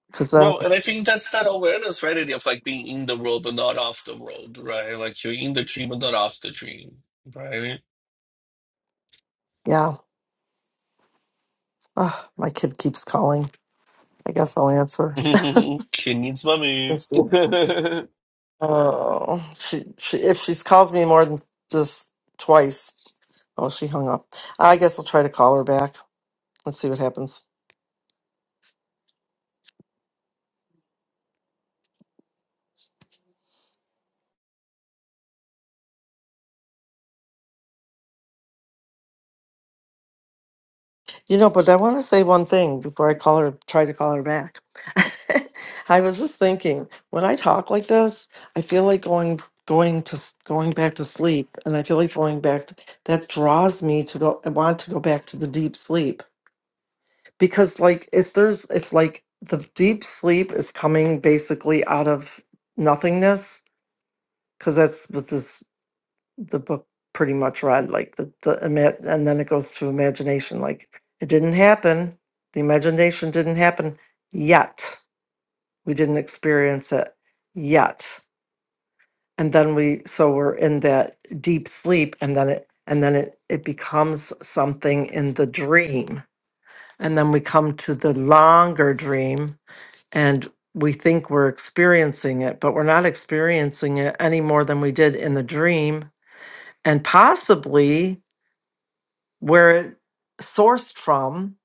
A: because then,
B: Well, and I think that's that awareness, right? idea Of like being in the world but not off the world, right? Like you're in the dream but not off the dream, right?
A: yeah, ugh, my kid keeps calling. I guess I'll answer.
B: Kid needs mommy.
A: Let's see. Oh, she, she if she calls me more than just twice, oh, she hung up. I guess I'll try to call her back and see what happens. You know, but I want to say one thing before I call her, try to call her back. I was just thinking, when I talk like this, I feel like going going to s- going back to sleep, and I feel like going back to, that draws me to go. I want to go back to the deep sleep because, like, if there's if like the deep sleep is coming basically out of nothingness, because that's what this the book pretty much read like the the ima- and then it goes to imagination like it didn't happen the imagination didn't happen yet we didn't experience it yet and then we so we're in that deep sleep and then it and then it it becomes something in the dream and then we come to the longer dream and we think we're experiencing it but we're not experiencing it any more than we did in the dream and possibly where it sourced from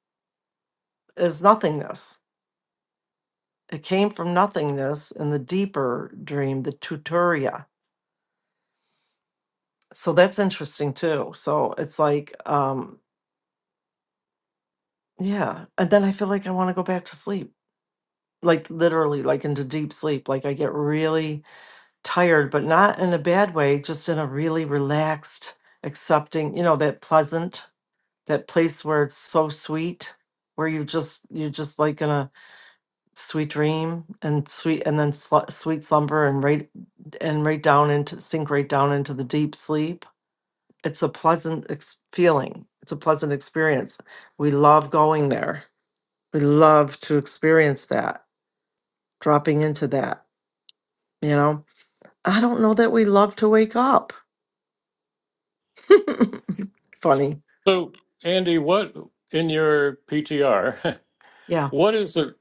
A: is nothingness. It came from nothingness in the deeper dream, the tuturia. So that's interesting too. So it's like, um, yeah. And then I feel like I want to go back to sleep, like literally, like into deep sleep. Like I get really tired, but not in a bad way, just in a really relaxed, accepting, you know, that pleasant, that place where it's so sweet, where you just, you're just like in a sweet dream and sweet and then sl- sweet slumber and right and right down into sink right down into the deep sleep it's a pleasant ex- feeling it's a pleasant experience we love going there we love to experience that dropping into that you know i don't know that we love to wake up funny
C: So Andy, what in your PTR?
A: yeah
C: What is the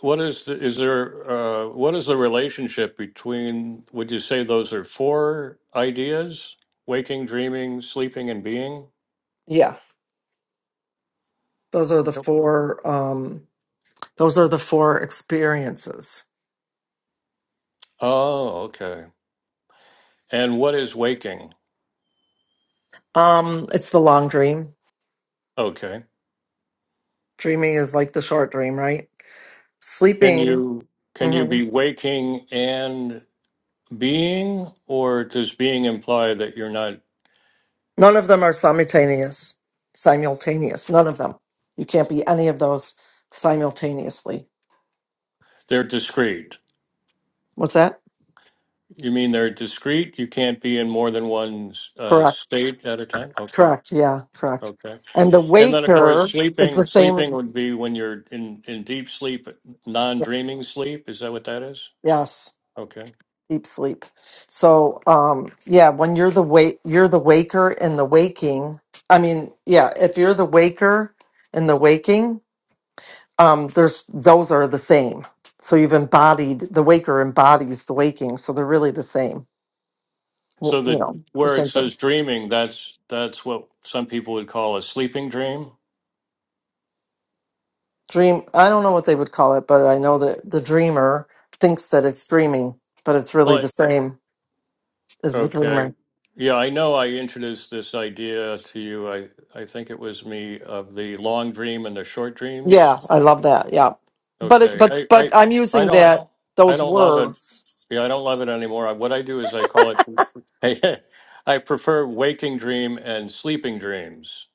C: what is the is there uh, what is the relationship between would you say those are four ideas waking dreaming sleeping and being
A: yeah those are the
C: Yep.
A: four um those are the four experiences
C: oh okay and what is waking
A: um it's the long dream
C: okay
A: dreaming is like the short dream right
C: can
A: sleeping
C: you can you
A: hmm
C: be waking and being or does being imply that you're not
A: None of them are simultaneous. Simultaneous. None of them. You can't be any of those simultaneously.
C: they're discrete
A: What's that?
C: you mean they're discrete you can't be in more than one uh,
A: Correct.
C: state at a time okay
A: Correct. Yeah. Correct.
C: okay
A: And the
C: And then, of course,
A: waker is the
C: sleeping sleeping
A: same.
C: would be when you're in in deep sleep, non dreaming sleep. Is that what that is?
A: Yes.
C: Okay.
A: Deep sleep. So, um, yeah, when you're the wake, you're the waker and the waking. I mean, yeah, if you're the waker and the waking, um, there's those are the same. So you've embodied the waker embodies the waking, so they're really the same. w-
C: So
A: you
C: the
A: know, the
C: where it
A: same thing.
C: says dreaming, that's that's what some people would call a sleeping dream.
A: Dream. I don't know what they would call it, but I know that the dreamer thinks that it's dreaming, but it's really
C: Well,
A: the same as the
C: okay.
A: dreamer.
C: Yeah, I know. I introduced this idea to you. I I think it was me of the long dream and the short dreams.
A: Yeah, I love that. Yeah, but it,
C: Okay.
A: but
C: I,
A: but
C: I,
A: I'm
C: I
A: using
C: don't,
A: that
C: I
A: those
C: don't love it.
A: words.
C: Yeah, I don't love it anymore. I- What I do is I call it, I, prefer waking dream and sleeping dreams.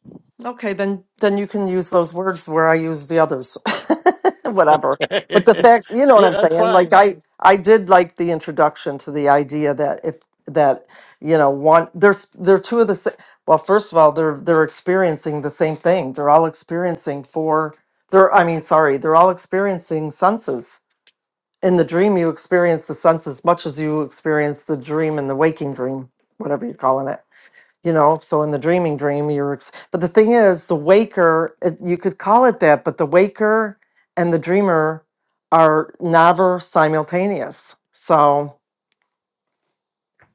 A: Okay, then then you can use those words where I use the others. Whatever. But the
C: yeah,
A: fact, you know what I'm
C: that's
A: saying? Like
C: fine.
A: I I did like the introduction to the idea that if that you know one there's they're two of the same well first of all they're they're experiencing the same thing they're all experiencing four they're i mean sorry they're all experiencing senses in the dream you experience the sense as much as you experience the dream in the waking dream whatever you're calling it you know so in the dreaming dream you're ex- but the thing is the waker it, you could call it that but the waker and the dreamer are never simultaneous so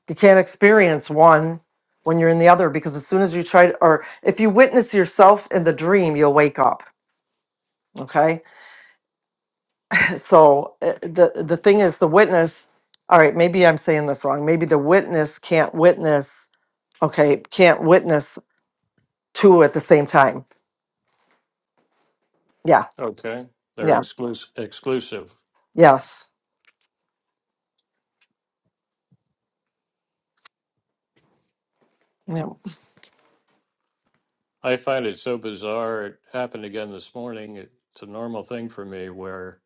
A: you can't experience one when you're in the other because as soon as you try to, or if you witness yourself in the dream you'll wake up okay so uh, the the thing is the witness all right maybe i'm saying this wrong maybe the witness can't witness okay can't witness two at the same time yeah
C: Okay. They're
A: yeah
C: exclusive. exclusive.
A: Yes. Yeah.
C: I find it so bizarre. It happened again this morning. It's a normal thing for me where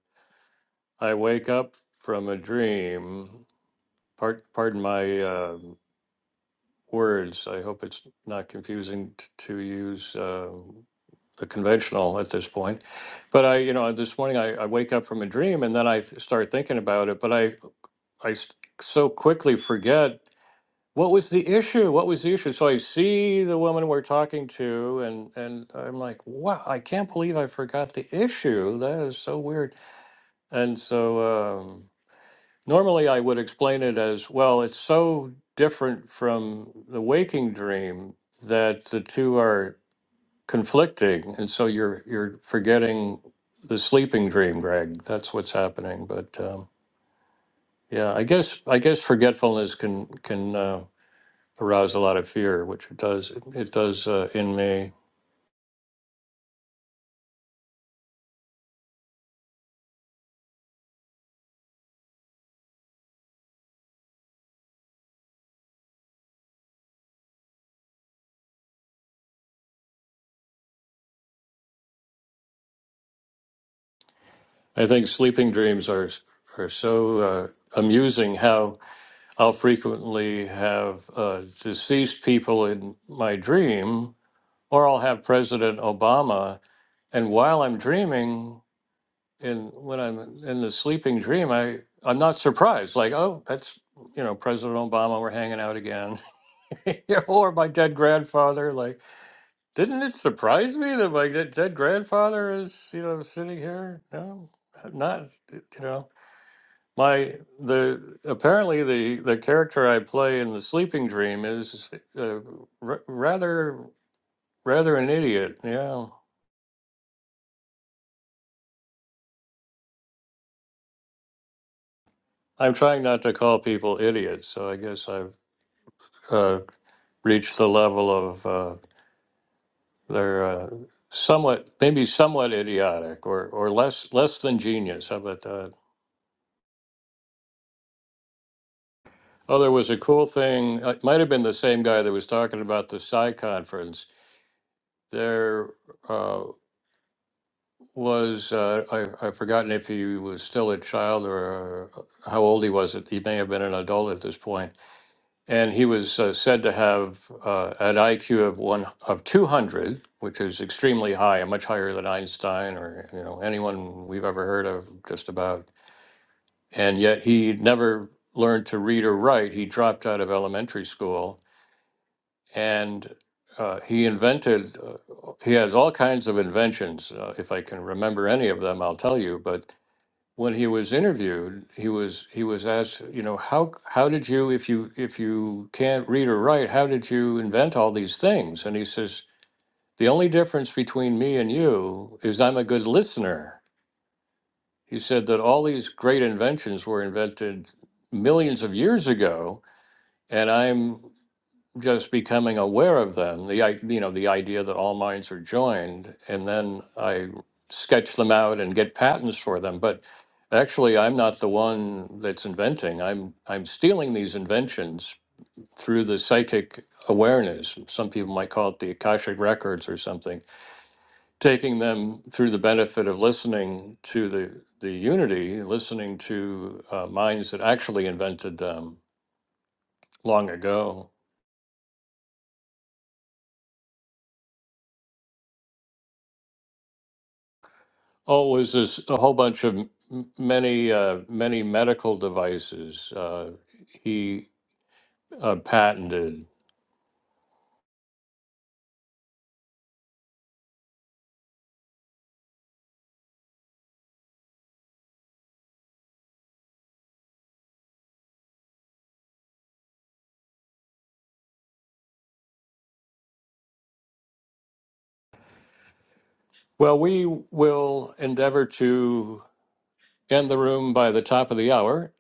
C: I wake up from a dream. Part, pardon my um words. I hope it's not confusing t- to use. Um the conventional at this point. But I, you know, this morning I, I wake up from a dream and then I th- start thinking about it, but I, I s- so quickly forget what was the issue? What was the issue? So I see the woman we're talking to and, and I'm like, wow, I can't believe I forgot the issue. That is so weird. And so, um, normally I would explain it as, well, it's so different from the waking dream that the two are conflicting and so you're you're forgetting the sleeping dream greg that's what's happening but um, yeah i guess i guess forgetfulness can can uh, arouse a lot of fear which it does it does uh, in me i think sleeping dreams are are so uh, amusing how i'll frequently have uh, deceased people in my dream or i'll have president obama and while i'm dreaming and when I'm in the sleeping dream, I I'm not surprised. Like, oh, that's you know President Obama. We're hanging out again, Yeah, or my dead grandfather. Like, didn't it surprise me that my dead dead grandfather is you know sitting here? No, not you know my the apparently the the character I play in the sleeping dream is uh, r- rather rather an idiot. Yeah, I'm trying not to call people idiots, so I guess I've. uh, reach the level of uh, they're uh, somewhat, maybe somewhat idiotic or, or less less than genius. How about that? Oh, there was a cool thing. uh, It might have been the same guy that was talking about the Psi conference. There uh, was uh, I, I've forgotten if he was still a child or uh, how old he was. He may have been an adult at this point and he was uh, said to have uh, an IQ of one of 200, which is extremely high, much higher than Einstein or you know anyone we've ever heard of, just about. And yet he never learned to read or write. He dropped out of elementary school, and uh, he invented. Uh, he has all kinds of inventions. Uh, if I can remember any of them, I'll tell you. But when he was interviewed, he was he was asked, you know, how how did you if you if you can't read or write, how did you invent all these things? And he says, the only difference between me and you is I'm a good listener. He said that all these great inventions were invented millions of years ago, and I'm just becoming aware of them the i- you know the idea that all minds are joined and then i sketch them out and get patents for them but actually i'm not the one that's inventing i'm i'm stealing these inventions through the psychic awareness some people might call it the akashic records or something taking them through the benefit of listening to the the unity listening to uh, minds that actually invented them long ago Oh, it was this a whole bunch of m- many uh, many medical devices uh, he uh, patented. Well, we will endeavor to end the room by the top of the hour.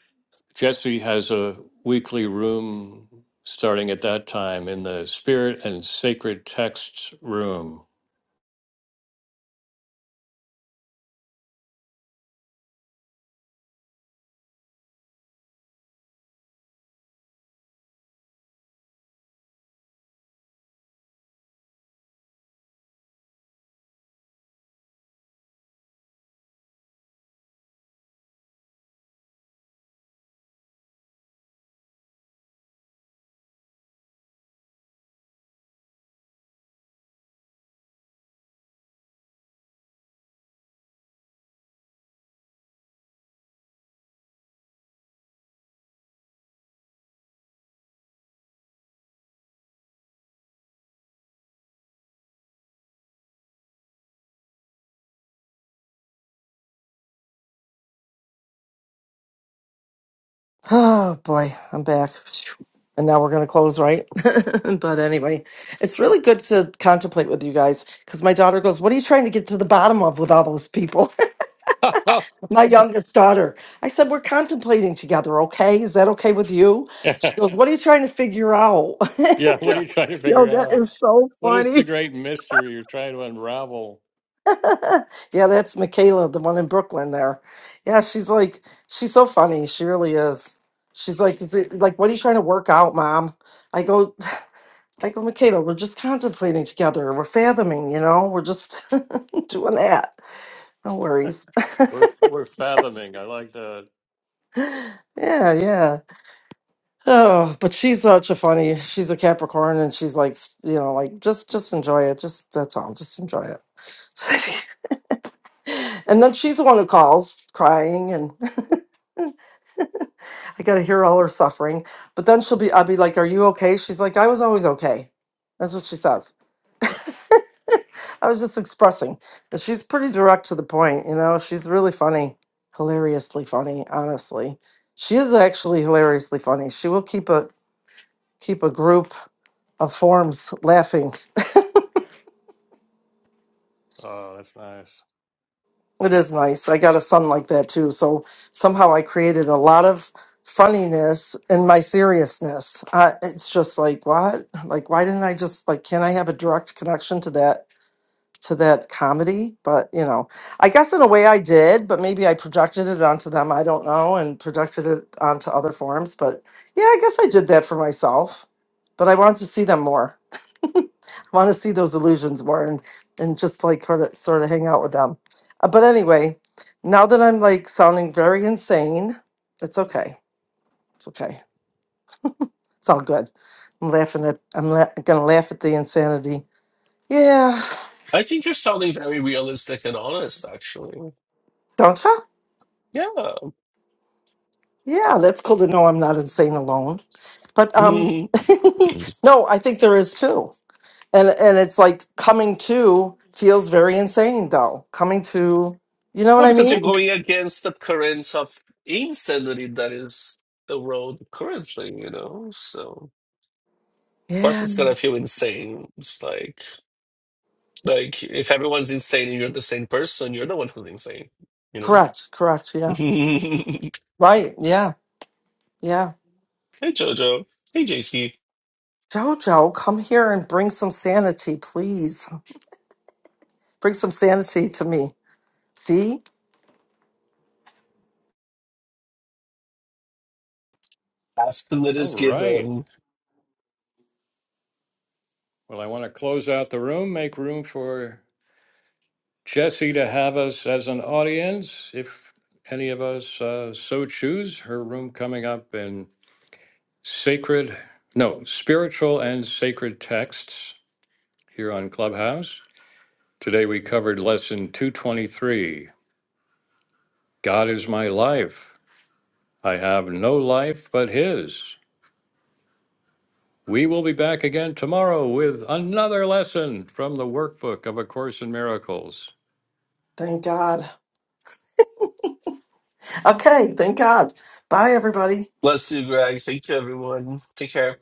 C: Jesse has a weekly room starting at that time in the Spirit and Sacred Texts room.
A: Oh boy, I'm back. And now we're going to close, right? but anyway, it's really good to contemplate with you guys because my daughter goes, What are you trying to get to the bottom of with all those people?
C: yeah,
A: my youngest daughter. I said, We're contemplating together, okay? Is that okay with you? She goes, What are you trying to figure out?
C: what are
A: yeah,
C: you trying to
D: Yo,
C: figure
D: that
C: out?
D: is so
C: What is
D: funny.
C: the great mystery you're trying to unravel?
A: Yeah, that's Michaela, the one in Brooklyn there. Yeah, she's like, she's so funny. She really is. She's like, is it like, what are you trying to work out, mom? I go, like with Michaela, we're just contemplating together. We're fathoming, you know, we're just doing that. No worries.
C: We're, we're fathoming. I like that.
A: Yeah, yeah. Oh, but she's such a funny. She's a Capricorn, and she's like, s- you know, like just, just enjoy it. Just that's all. Just enjoy it. and then she's the one who calls, crying, and I got to hear all her suffering. But then she'll be, I'll be like, "Are you okay?" She's like, "I was always okay." That's what she says. I was just expressing. But she's pretty direct to the point, you know. She's really funny, hilariously funny. Honestly, she is actually hilariously funny. She will keep a keep a group of forms laughing.
C: Oh, that's nice.
A: It is nice. I got a son like that too, so somehow I created a lot of funniness in my seriousness. Uh, it's just like what? Like why didn't I just like? Can I have a direct connection to that? to that comedy, but you know, I guess in a way I did, but maybe I projected it onto them. I don't know, and projected it onto other forums. But yeah, I guess I did that for myself. But I want to see them more. I want to see those illusions more, and and just like sort of sort of hang out with them. Uh, but anyway, now that I'm like sounding very insane, it's okay. It's okay. It's all good. I'm laughing at. I'm la- gonna laugh at the insanity. Yeah,
B: I think you're sounding very realistic and honest, actually.
A: don't you?
B: Yeah.
A: Yeah, that's cool to know I'm not insane alone. But um,
B: well,
A: no, I think there is too, and and it's like coming to feels very insane though. Coming to, you know what I
B: because you're
A: mean?
B: going against the currents of insanity that is the world currently, you know? So,
A: Yeah.
B: person's gonna feel insane. It's like. Like, if everyone's insane and you're the same person, you're the one who's insane, you know?
A: Correct, correct, yeah,
B: hey,
A: right, yeah, yeah.
B: Jojo. Hey, JC.
A: Jojo, come here and bring some sanity, please. Bring some sanity to me. See?
B: Ask the lit
C: All
B: is
C: right.
B: given.
C: Well, I want to close out the room, make room for Jesse to have us as an audience, if any of us uh, so choose. Her room coming up in sacred, no, spiritual and sacred texts here on Clubhouse. Today we covered lesson 223 God is my life. I have no life but His. We will be back again tomorrow with another lesson from the workbook of A Course in Miracles.
A: Thank God. Okay, thank God. Bye, everybody.
B: Bless you, Greg. Thank you, everyone. Take care.